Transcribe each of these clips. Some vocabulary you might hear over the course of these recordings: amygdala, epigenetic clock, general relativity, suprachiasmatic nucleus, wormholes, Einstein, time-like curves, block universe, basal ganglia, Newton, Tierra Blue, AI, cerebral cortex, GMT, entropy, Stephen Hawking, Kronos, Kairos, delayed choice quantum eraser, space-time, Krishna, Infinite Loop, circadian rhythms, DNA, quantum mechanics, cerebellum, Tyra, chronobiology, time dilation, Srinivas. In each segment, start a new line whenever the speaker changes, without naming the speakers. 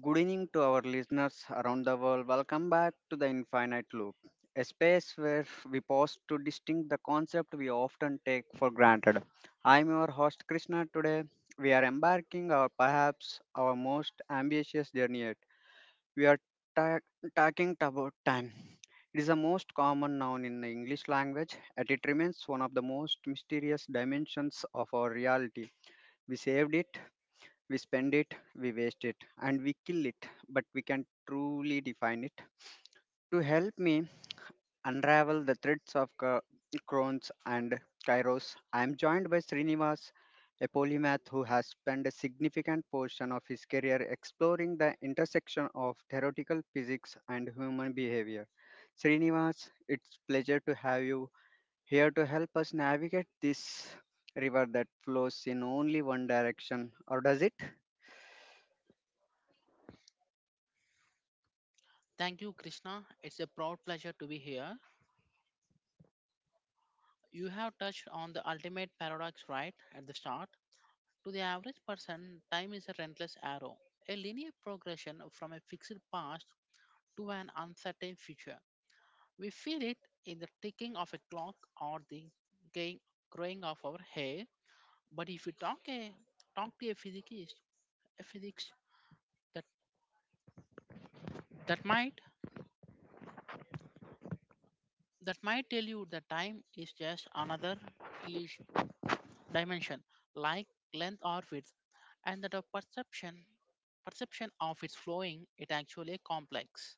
Good evening to our listeners around the world. Welcome back to the Infinite Loop, a space where we pause to distinct the concept we often take for granted. I'm your host Krishna. Today, we are embarking our perhaps our most ambitious journey yet. We are ta- talking about time. It is the most common noun in the English language, and it remains one of the most mysterious dimensions of our reality. We saved it we spend it, we waste it, and we kill it, but we can truly define it. To help me unravel the threads of Crohn's and Kairos, I am joined by Srinivas, a polymath who has spent a significant portion of his career exploring the intersection of theoretical physics and human behavior. Srinivas, it's pleasure to have you here to help us navigate this river that flows in only one direction, or does it?
Thank you, Krishna. It's a proud pleasure to be here. You have touched on the ultimate paradox right at the start. To the average person, time is a relentless arrow, a linear progression from a fixed past to an uncertain future. We feel it in the ticking of a clock or the gain- growing of our hair. But if you talk to a physicist, a physics that that might that might tell you that time is just another illusion. Dimension like length or width, and that of perception of its flowing it actually a complex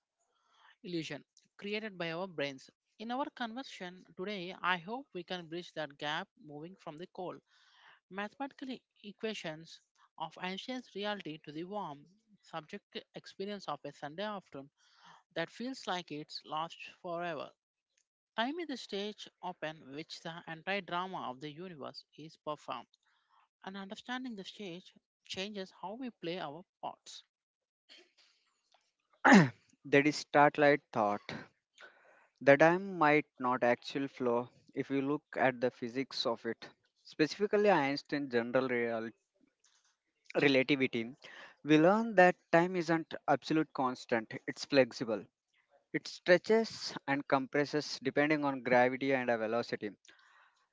illusion created by our brains in our conversation today. I hope we can bridge that gap, moving from the cold mathematical equations of ancient reality to the warm subjective experience of a Sunday afternoon that feels like it's lost forever. Time is the stage upon which the entire drama of the universe is performed, and understanding the stage changes how we play our parts.
That is startlight thought. The dam might not actually flow if we look at the physics of it. Specifically, Einstein's general relativity, we learn that time isn't absolute constant, it's flexible. It stretches and compresses depending on gravity and a velocity.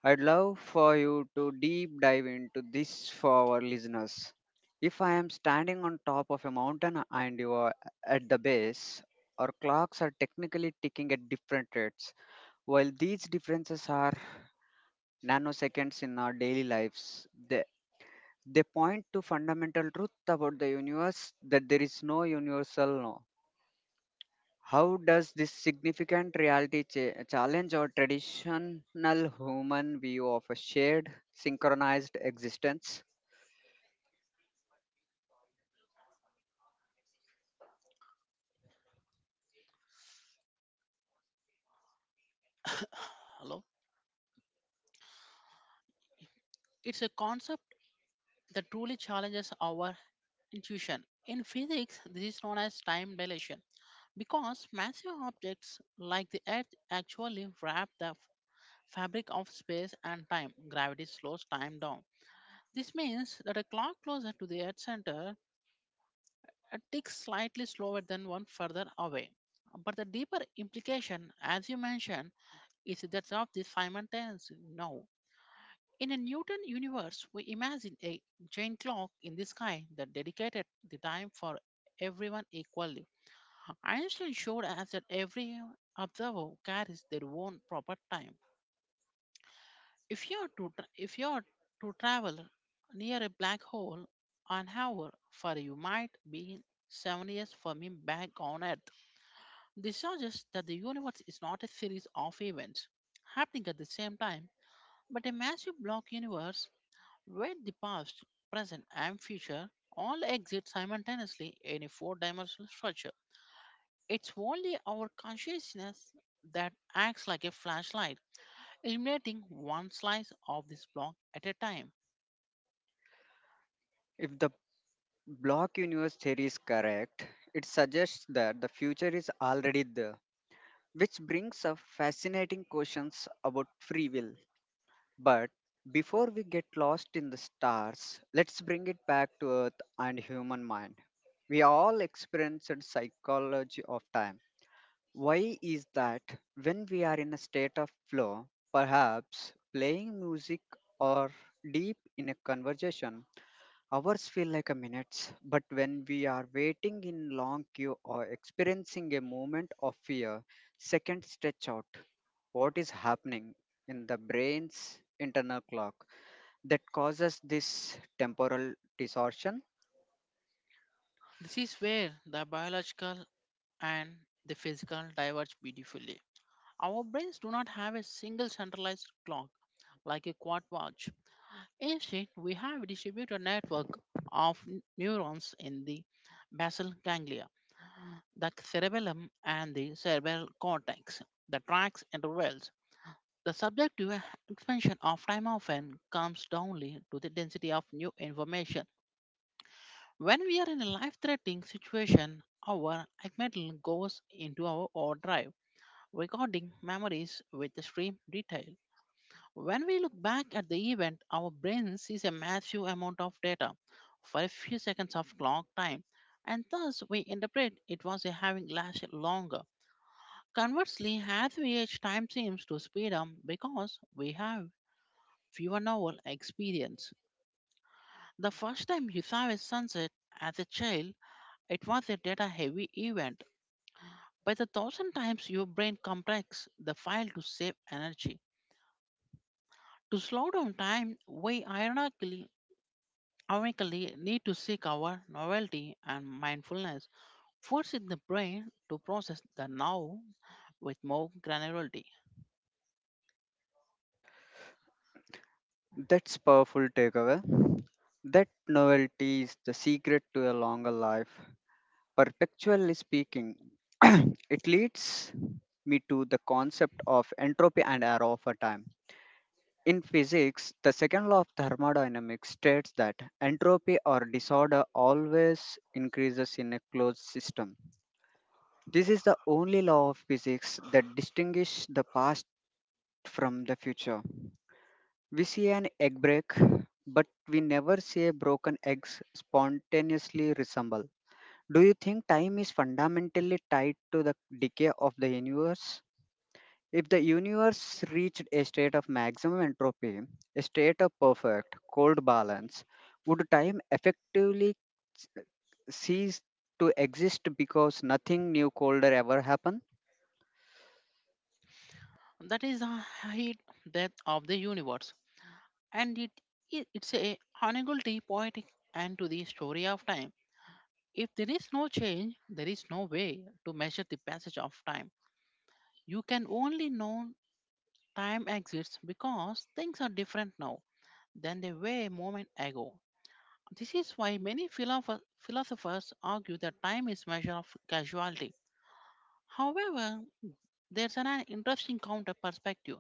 I'd love for you to deep dive into this for our listeners. If I am standing on top of a mountain and you are at the base, our clocks are technically ticking at different rates. While these differences are nanoseconds in our daily lives, they point to fundamental truth about the universe that there is no universal. How does this significant reality challenge our traditional human view of a shared, synchronized existence?
Hello? It's a concept that truly challenges our intuition. In physics, this is known as time dilation, because massive objects like the Earth actually wrap the fabric of space and time. Gravity slows time down. This means that a clock closer to the Earth center ticks slightly slower than one further away. But the deeper implication, as you mentioned, is that of the simultaneous now. In a Newton universe, we imagine a giant clock in the sky that dedicated the time for everyone equally. Einstein showed us that every observer carries their own proper time. If you are to tra- If you are to travel near a black hole, an hour for you might be 7 years for me back on Earth. This suggests that the universe is not a series of events happening at the same time, but a massive block universe where the past, present, and future all exist simultaneously in a four dimensional structure. It's only our consciousness that acts like a flashlight, illuminating one slice of this block at a time.
If the block universe theory is correct, it suggests that the future is already there, which brings up fascinating questions about free will. But before we get lost in the stars, let's bring it back to Earth and human mind. We all experienced psychology of time. Why is that when we are in a state of flow, perhaps playing music or deep in a conversation, hours feel like a minutes, but when we are waiting in long queue or experiencing a moment of fear, seconds stretch out. What is happening in the brain's internal clock that causes this temporal distortion?
This is where the biological and the physical diverge beautifully. Our brains do not have a single centralized clock like a quad watch. Instead, we have a distributed network of neurons in the basal ganglia, the cerebellum, and the cerebral cortex, the tracts and the wells. The subjective expansion of time often comes downly to the density of new information. When we are in a life-threatening situation, our amygdala goes into our overdrive, recording memories with extreme detail. When we look back at the event, our brain sees a massive amount of data for a few seconds of clock time, and thus we interpret it was having lasted longer. Conversely, as we age, time seems to speed up because we have fewer novel experience. The first time you saw a sunset as a child, it was a data heavy event. By the thousand times your brain compress the file to save energy. To slow down time, we ironically need to seek our novelty and mindfulness, forcing the brain to process the now with more granularity.
That's powerful takeaway. That novelty is the secret to a longer life. Perpectually speaking, it leads me to the concept of entropy and error over time. In physics, the second law of thermodynamics states that entropy or disorder always increases in a closed system. This is the only law of physics that distinguishes the past from the future. We see an egg break, but we never see a broken egg spontaneously resemble. Do you think time is fundamentally tied to the decay of the universe? If the universe reached a state of maximum entropy, a state of perfect, cold balance, would time effectively s- cease to exist because nothing new colder ever happened?
That is the height depth of the universe, and it, it's a unable poetic and to the story of time. If there is no change, there is no way to measure the passage of time. You can only know time exists because things are different now than they were a moment ago. This is why many philosophers argue that time is measure of causality. However, there's an interesting counter perspective.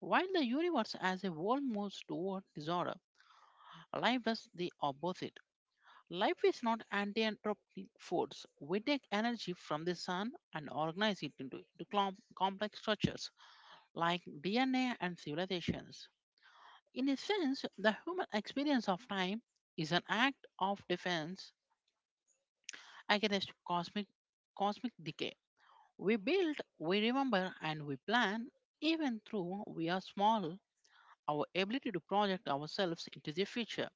While the universe as a whole moves toward disorder, life does the opposite. Life is not anti-entropic force. We take energy from the sun and organize it into, complex structures like DNA and civilizations. In a sense, the human experience of time is an act of defense against cosmic decay. We build, we remember, and we plan. Even though we are small, our ability to project ourselves into the future,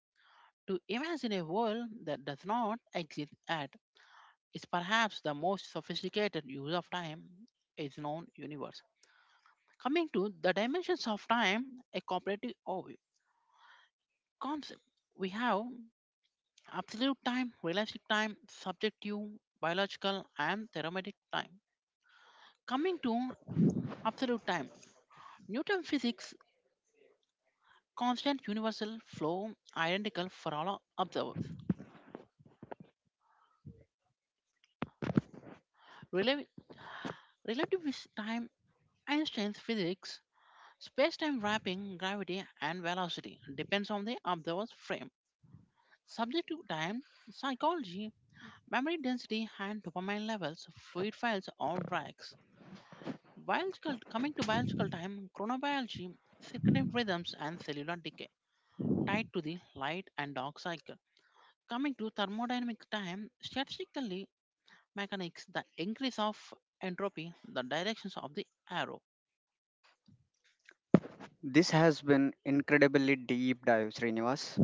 to imagine a world that does not exist at is perhaps the most sophisticated use of time is known universe. Coming to the dimensions of time, a cooperative overview concept. We have absolute time, realistic time, subjective, biological, and thermodynamic time. Coming to absolute time, Newton physics constant universal flow identical for all observers. Rel- Relativist time, Einstein's physics space-time wrapping, gravity, and velocity depends on the observer's frame. Subject to time, psychology, memory density, and dopamine levels, fluid files or tracks. Biological, coming to biological time, chronobiology, circadian rhythms, and cellular decay tied to the light and dark cycle. Coming to thermodynamic time, statistically mechanics, the increase of entropy, the directions of the arrow.
This has been incredibly deep dive, Srinivas.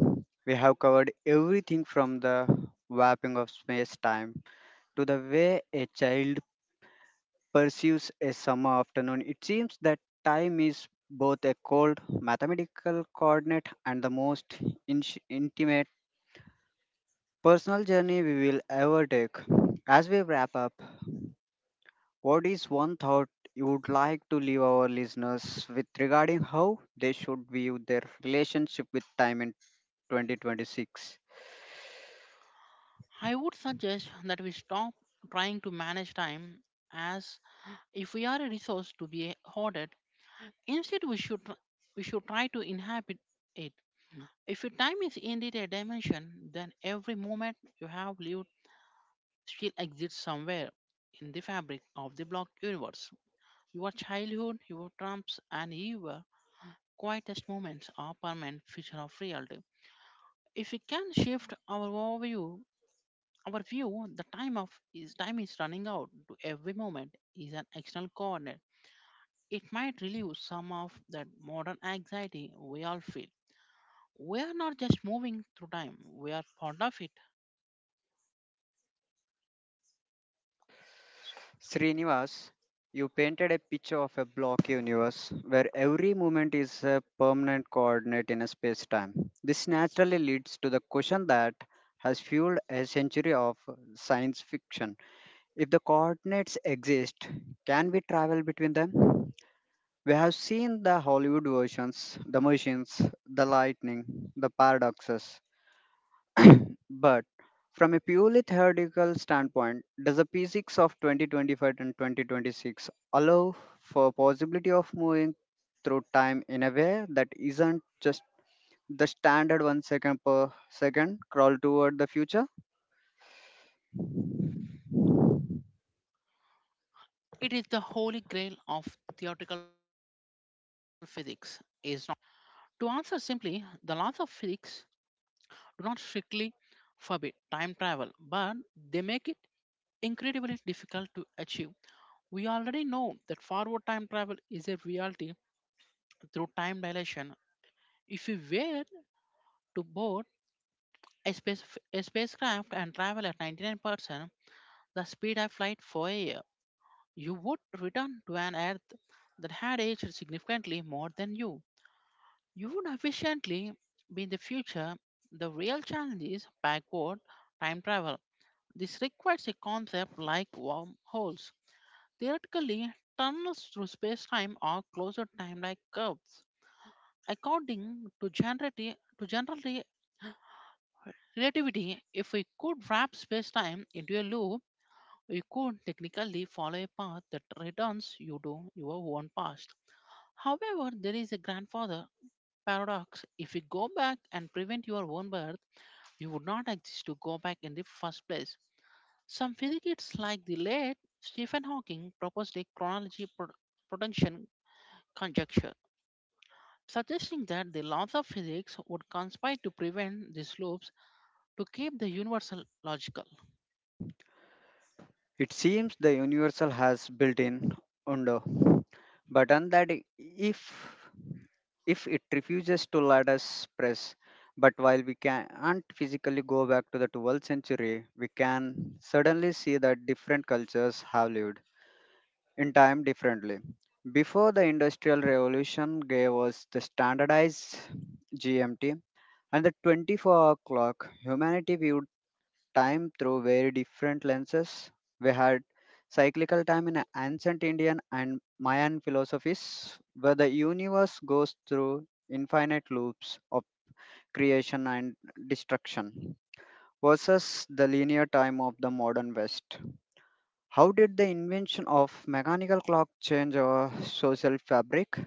We have covered everything from the warping of space time to the way a child pursues a summer afternoon. It seems that time is both a cold mathematical coordinate and the most in- intimate personal journey we will ever take. As we wrap up, what is one thought you would like to leave our listeners with regarding how they should view their relationship with time in 2026?
I would suggest that we stop trying to manage time as if we are a resource to be hoarded. Instead, we should try to inhabit it. If your time is indeed a dimension, then every moment you have lived still exists somewhere in the fabric of the block universe. Your childhood, your trumps, and your quietest moments are permanent feature of reality. If we can shift our overview, our view, the time of is time is running out to every moment is an external coordinate, it might relieve some of that modern anxiety we all feel. We are not just moving through time, we are part of it.
Srinivas, you painted a picture of a block universe where every movement is a permanent coordinate in a space time. This naturally leads to the question that has fueled a century of science fiction. If the coordinates exist, can we travel between them? We have seen the Hollywood versions, the machines, the lightning, the paradoxes. But from a purely theoretical standpoint, does the physics of 2025 and 2026 allow for possibility of moving through time in a way that isn't just the standard 1 second per second crawl toward the future?
It is the holy grail of theoretical physics, is not. To answer simply, the laws of physics do not strictly forbid time travel, but they make it incredibly difficult to achieve. We already know that forward time travel is a reality through time dilation. If we were to board a, space, a spacecraft and travel at 99%, the speed of light for a year, you would return to an Earth that had aged significantly more than you. You would efficiently be in the future. The real challenge is backward time travel. This requires a concept like wormholes. Theoretically, tunnels through space-time are closer time-like curves. According to to general relativity, if we could wrap space-time into a loop, we could technically follow a path that returns you to your own past. However, there is a grandfather paradox. If you go back and prevent your own birth, you would not exist to go back in the first place. Some physicists, like the late Stephen Hawking, proposed a chronology protection conjecture, suggesting that the laws of physics would conspire to prevent these loops to keep the universal logical.
It seems the universal has built in undo button that if if it refuses to let us press. But while we can't physically go back to the 12th century, we can suddenly see that different cultures have lived in time differently. Before the Industrial Revolution gave us the standardized GMT and the 24-hour clock, humanity viewed time through very different lenses. We had cyclical time in ancient Indian and Mayan philosophies, where the universe goes through infinite loops of creation and destruction, versus the linear time of the modern West. How did the invention of mechanical clock change our social fabric?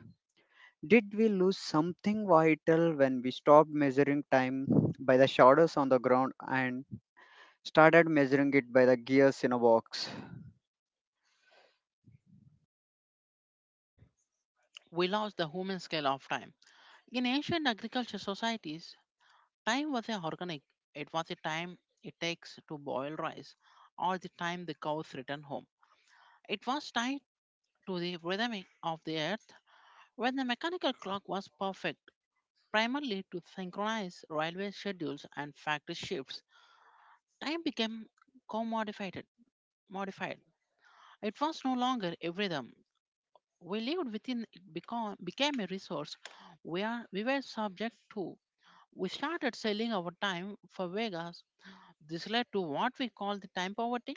Did we lose something vital when we stopped measuring time by the shadows on the ground and started measuring it by the gears in a box?
We lost the human scale of time. In ancient agricultural societies, time was a organic. It was the time it takes to boil rice, or the time the cows return home. It was tied to the rhythm of the earth. When the mechanical clock was perfect, primarily to synchronize railway schedules and factory shifts, time became commodified. Modified. It was no longer a rhythm. We lived within it become, became a resource we, are, we were subject to. We started selling our time for Vegas. This led to what we call the time poverty,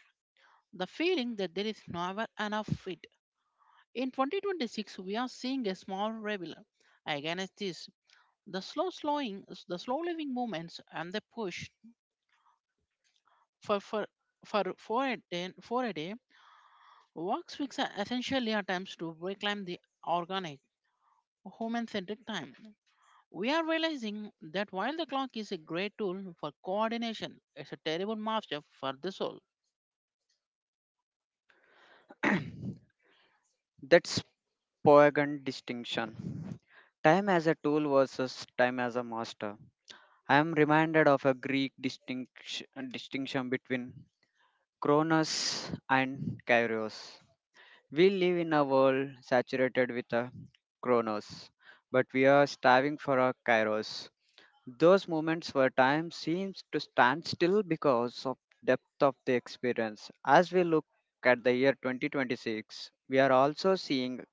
the feeling that there is never enough it. In 2026, we are seeing a small rebel against this. The slow slowing, the slow living movements, and the push for for for four a day, for a day works weeks are essentially attempts to reclaim the organic human-centered time. We are realizing that while the clock is a great tool for coordination, it's a terrible master for the soul.
That's Poygan distinction. Time as a tool versus time as a master. I am reminded of a Greek distinction between Kronos and Kairos. We live in a world saturated with a Kronos, but we are starving for a Kairos. Those moments where time seems to stand still because of depth of the experience. As we look at the year 2026, we are also seeing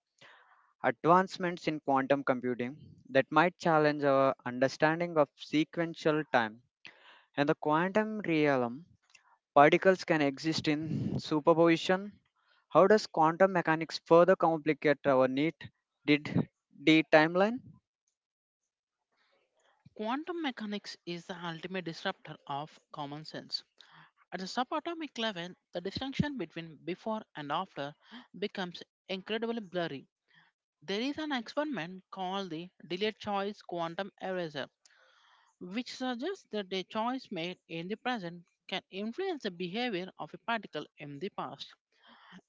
advancements in quantum computing that might challenge our understanding of sequential time. In the quantum realm, particles can exist in superposition. How does quantum mechanics further complicate our neat did D timeline?
Quantum mechanics is the ultimate disruptor of common sense. At the subatomic level, the distinction between before and after becomes incredibly blurry. There is an experiment called the delayed choice quantum eraser, which suggests that a choice made in the present can influence the behavior of a particle in the past.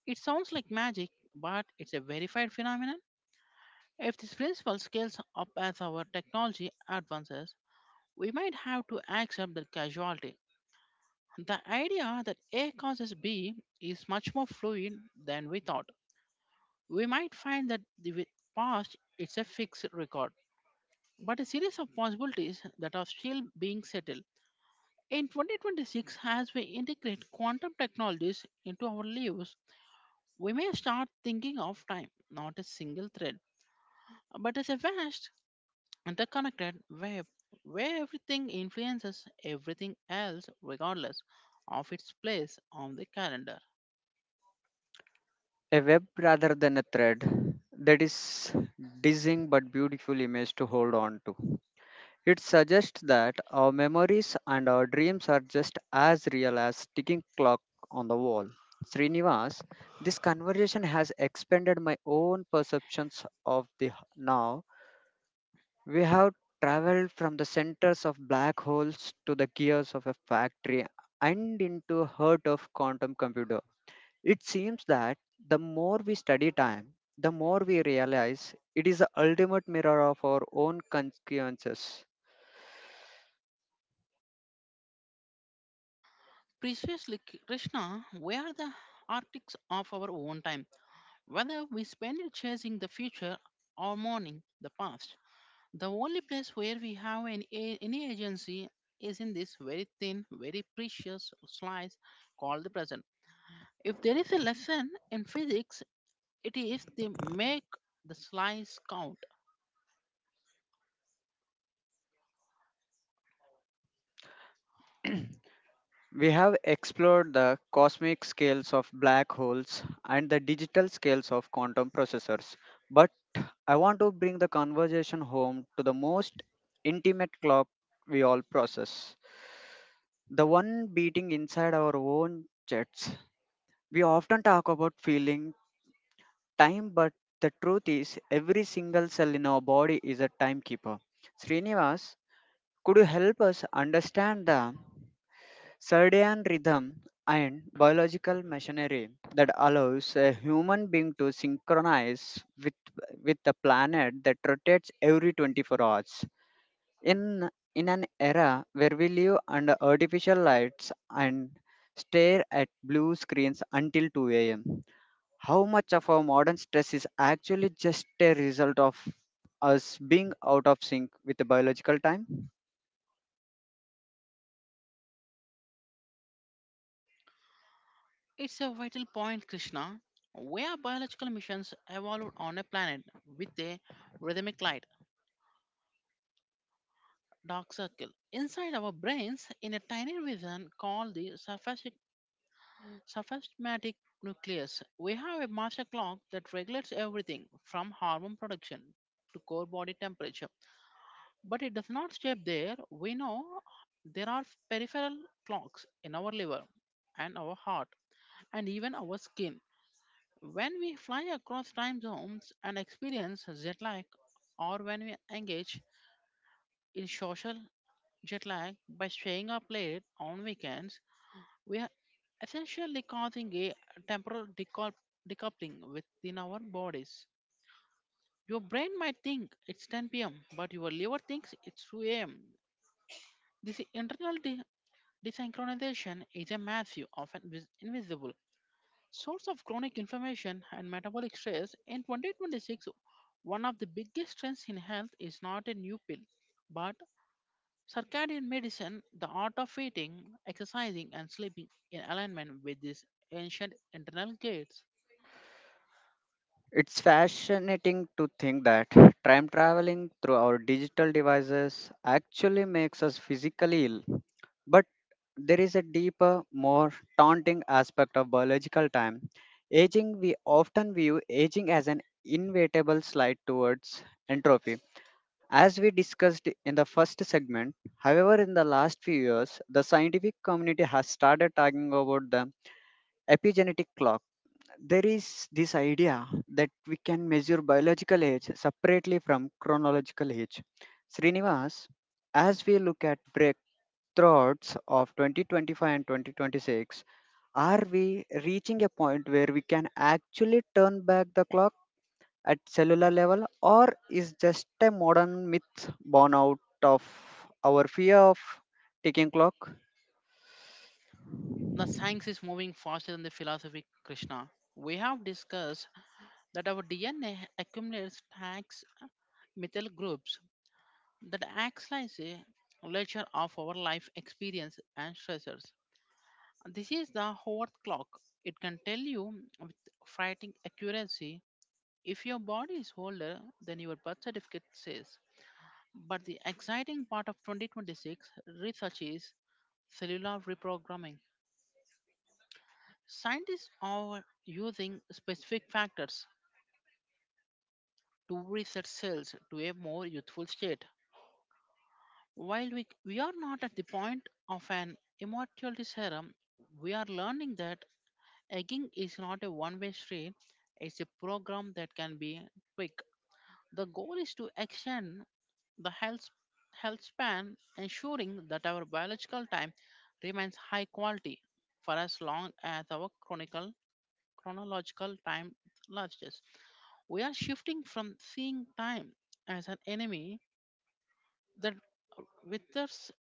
It sounds like magic, but it's a verified phenomenon. If this principle scales up as our technology advances, we might have to accept the casualty. The idea that A causes B is much more fluid than we thought. We might find that with past it's a fixed record, but a series of possibilities that are still being settled. In 2026, as we integrate quantum technologies into our lives, we may start thinking of time not as single thread, but as a vast, interconnected web where everything influences everything else regardless of its place on the calendar.
A web rather than a thread. That is dizzying but beautiful image to hold on to. It suggests that our memories and our dreams are just as real as ticking clock on the wall. Srinivas, this conversation has expanded my own perceptions of the now. We have traveled from the centers of black holes to the gears of a factory and into heart of quantum computer. It seems that the more we study time, the more we realize it is the ultimate mirror of our own consciousness.
Preciously, Krishna, we are the architects of our own time. Whether we spend it chasing the future or mourning the past, the only place where we have any agency is in this very thin, very precious slice called the present. If there is a lesson in physics, it is to make the slice count.
We have explored the cosmic scales of black holes and the digital scales of quantum processors, but I want to bring the conversation home to the most intimate clock we all process the one beating inside our own chests. We often talk about feeling time, but the truth is, every single cell in our body is a timekeeper. Srinivas, could you help us understand the circadian rhythm and biological machinery that allows a human being to synchronize with the planet that rotates every 24 hours? In, in an era where we live under artificial lights and stare at blue screens until 2 a.m. How much of our modern stress is actually just a result of us being out of sync with the biological time?
It's a vital point, Krishna. Where biological missions evolved on a planet with a rhythmic light dark circle inside our brains in a tiny region called the symphatic nucleus. We have a master clock that regulates everything from hormone production to core body temperature, but it does not stay there. We know there are peripheral clocks in our liver and our heart and even our skin. When we fly across time zones and experience jet lag, or when we engage in social jet lag by staying up late on weekends, we are essentially causing a temporal decou- decoupling within our bodies. Your brain might think it's 10 p.m., but your liver thinks it's 2 am. This desynchronization is a massive, often invisible source of chronic inflammation and metabolic stress. In 2026, one of the biggest trends in health is not a new pill, but circadian medicine, the art of eating, exercising, and sleeping in alignment with these ancient internal gates.
It's fascinating to think that time traveling through our digital devices actually makes us physically ill. But there is a deeper, more daunting aspect of biological time. Aging, we often view aging as an inevitable slide towards entropy. As we discussed in the first segment, however, in the last few years, the scientific community has started talking about the epigenetic clock. There is this idea that we can measure biological age separately from chronological age. Srinivas, as we look at breakthroughs of 2025 and 2026, are we reaching a point where we can actually turn back the clock at cellular level, or is just a modern myth born out of our fear of ticking clock?
The science is moving faster than the philosophy, Krishna. We have discussed that our DNA accumulates tax methyl groups that acts as a ledger of our life experience and stressors. This is the Howard clock. It can tell you with frightening accuracy if your body is older than your birth certificate says. But the exciting part of 2026 research is cellular reprogramming. Scientists are using specific factors to reset cells to a more youthful state. While we are not at the point of an immortality serum, we are learning that aging is not a one way street, it's a program that can be quick. The goal is to extend the health span, ensuring that our biological time remains high quality for as long as our chronological time lasts. We are shifting from seeing time as an enemy that withers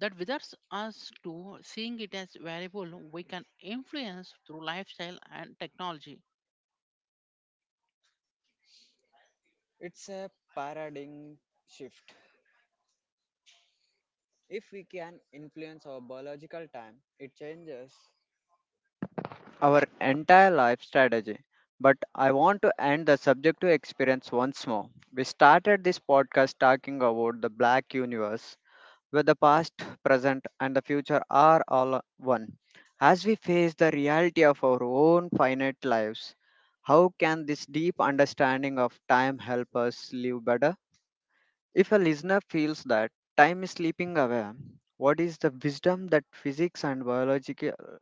us to seeing it as variable we can influence through lifestyle and technology.
It's a paradigm shift. If we can influence our biological time, it changes our entire life strategy. But I want to end the subjective experience once more. We started this podcast talking about the black universe, where the past, present, and the future are all one. As we face the reality of our own finite lives, how can this deep understanding of time help us live better? If a listener feels that time is slipping away, what is the wisdom that physics and biology,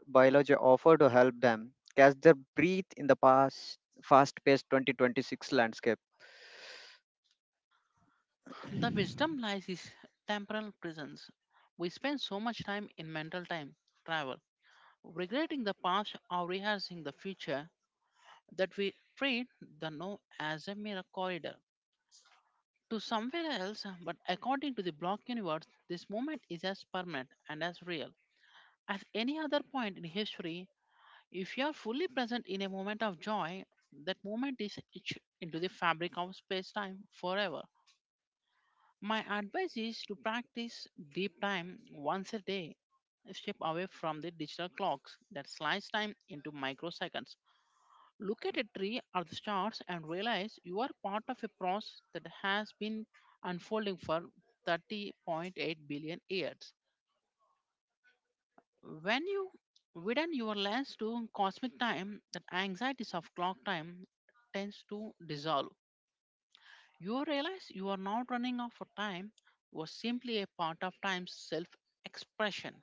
biology offer to help them catch their breath in the past, fast-paced 2026 landscape?
The wisdom lies is temporal presence. We spend so much time in mental time travel, regretting the past or rehearsing the future that we treat the now as a mere corridor to somewhere else. But according to the block universe, this moment is as permanent and as real as any other point in history. If you are fully present in a moment of joy, that moment is etched into the fabric of space-time forever. My advice is to practice deep time once a day. Step away from the digital clocks that slice time into microseconds. Look at a tree or the stars and realize you are part of a process that has been unfolding for 30.8 billion years. When you widen your lens to cosmic time, that anxieties of clock time tends to dissolve. You realize you are not running out of time, you are simply a part of time's self expression.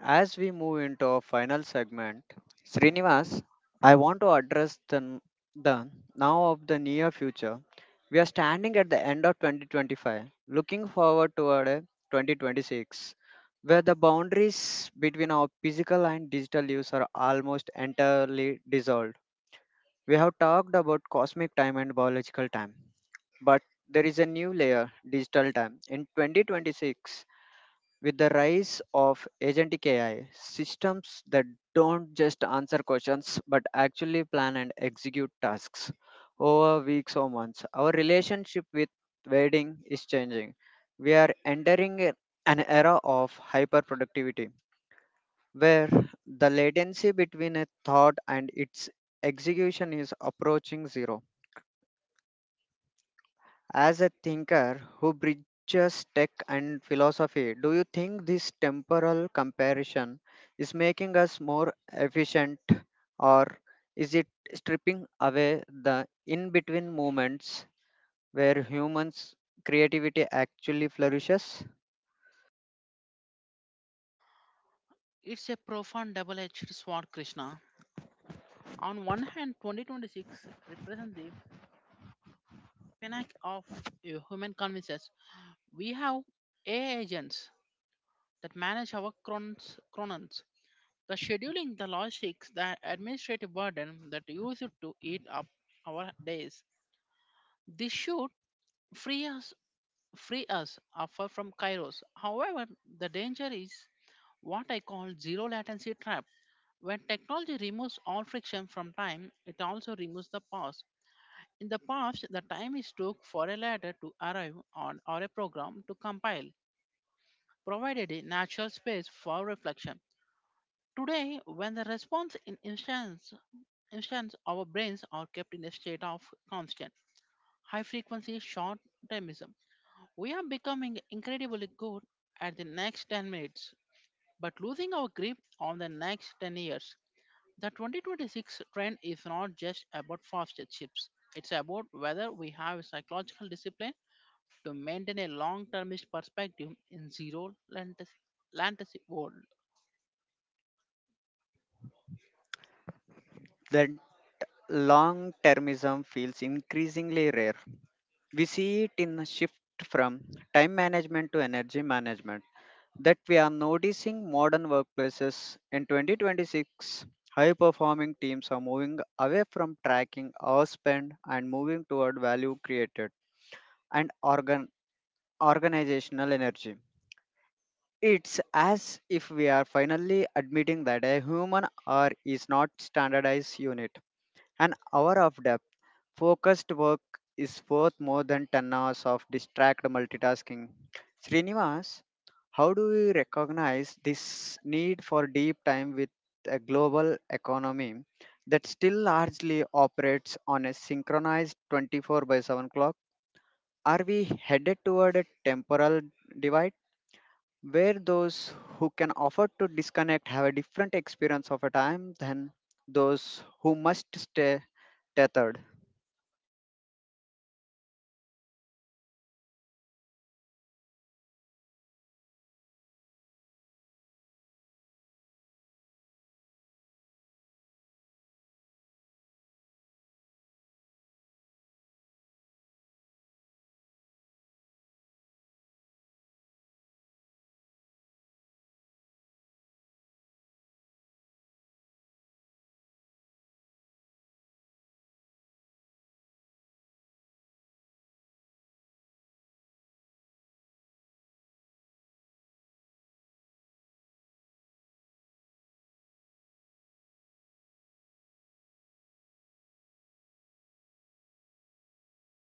As we move into our final segment, Srinivas, I want to address the now of the near future. We are standing at the end of 2025, looking forward toward a 2026, where the boundaries between our physical and digital lives are almost entirely dissolved. We have talked about cosmic time and biological time, but there is a new layer, digital time. In 2026, with the rise of agentic AI, systems that don't just answer questions but actually plan and execute tasks over weeks or months, our relationship with waiting is changing. We are entering an era of hyperproductivity where the latency between a thought and its execution is approaching zero. As a thinker who bridges tech and philosophy, do you think this temporal comparison is making us more efficient, or is it stripping away the in between moments where humans' creativity actually flourishes?
It's a profound double edged sword, Krishna. On one hand, 2026 represents the pinnacle of human convenience. We have AI agents that manage our chronons, the scheduling, the logistics, the administrative burden that used to eat up our days. This should free us free us offer from kairos. However, the danger is what I call zero latency trap. When technology removes all friction from time, it also removes the pause. In the past, the time is took for a letter to arrive on or a program to compile, provided a natural space for reflection. Today, when the response in instance our brains are kept in a state of constant high frequency short termism. We are becoming incredibly good at the next 10 minutes, but losing our grip on the next 10 years. The 2026 trend is not just about faster chips. It's about whether we have psychological discipline to maintain a long-termist perspective in zero-latency world.
That long termism feels increasingly rare. We see it in a shift from time management to energy management that we are noticing modern workplaces in 2026 high performing teams are moving away from tracking hours spent and moving toward value created and organizational energy. It's as if we are finally admitting that a human hour is not standardized unit an hour of depth focused work is worth more than 10 hours of distract multitasking. Srinivas, how do we recognize this need for deep time with a global economy that still largely operates on a synchronized 24 by 7 clock? Are we headed toward a temporal divide where those who can afford to disconnect have a different experience of a time than those who must stay tethered?
I believe temporary autonomy will be the true luxury of 2026. I 2020 the ability the ability to control your pace to decide to decide when you are on, it's becoming clear marker of all time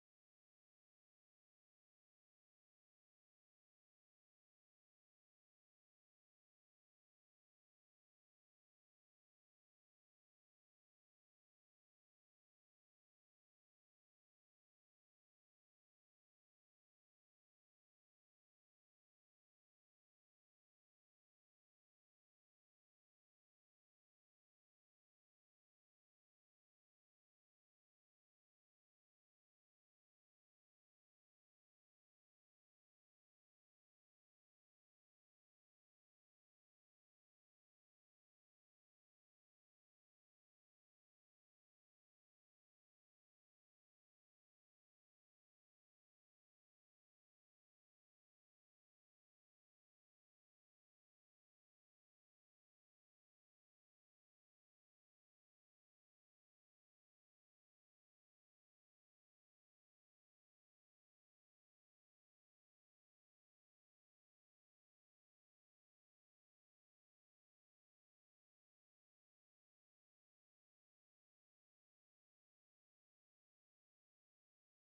well-being than we are health we are seeing. By 2026, AI, thank you.
And with that, we conclude our deep dive into the fabric of existence. We have explored the stars, the cells, and the silicon only to find that most important time is always that one we are currently in. Thank you for joining us on the Infinite Loop. I am Krishna, and along with Srinivas, we wish you a long, deep, and beautifully timed journey. Thank you, guys.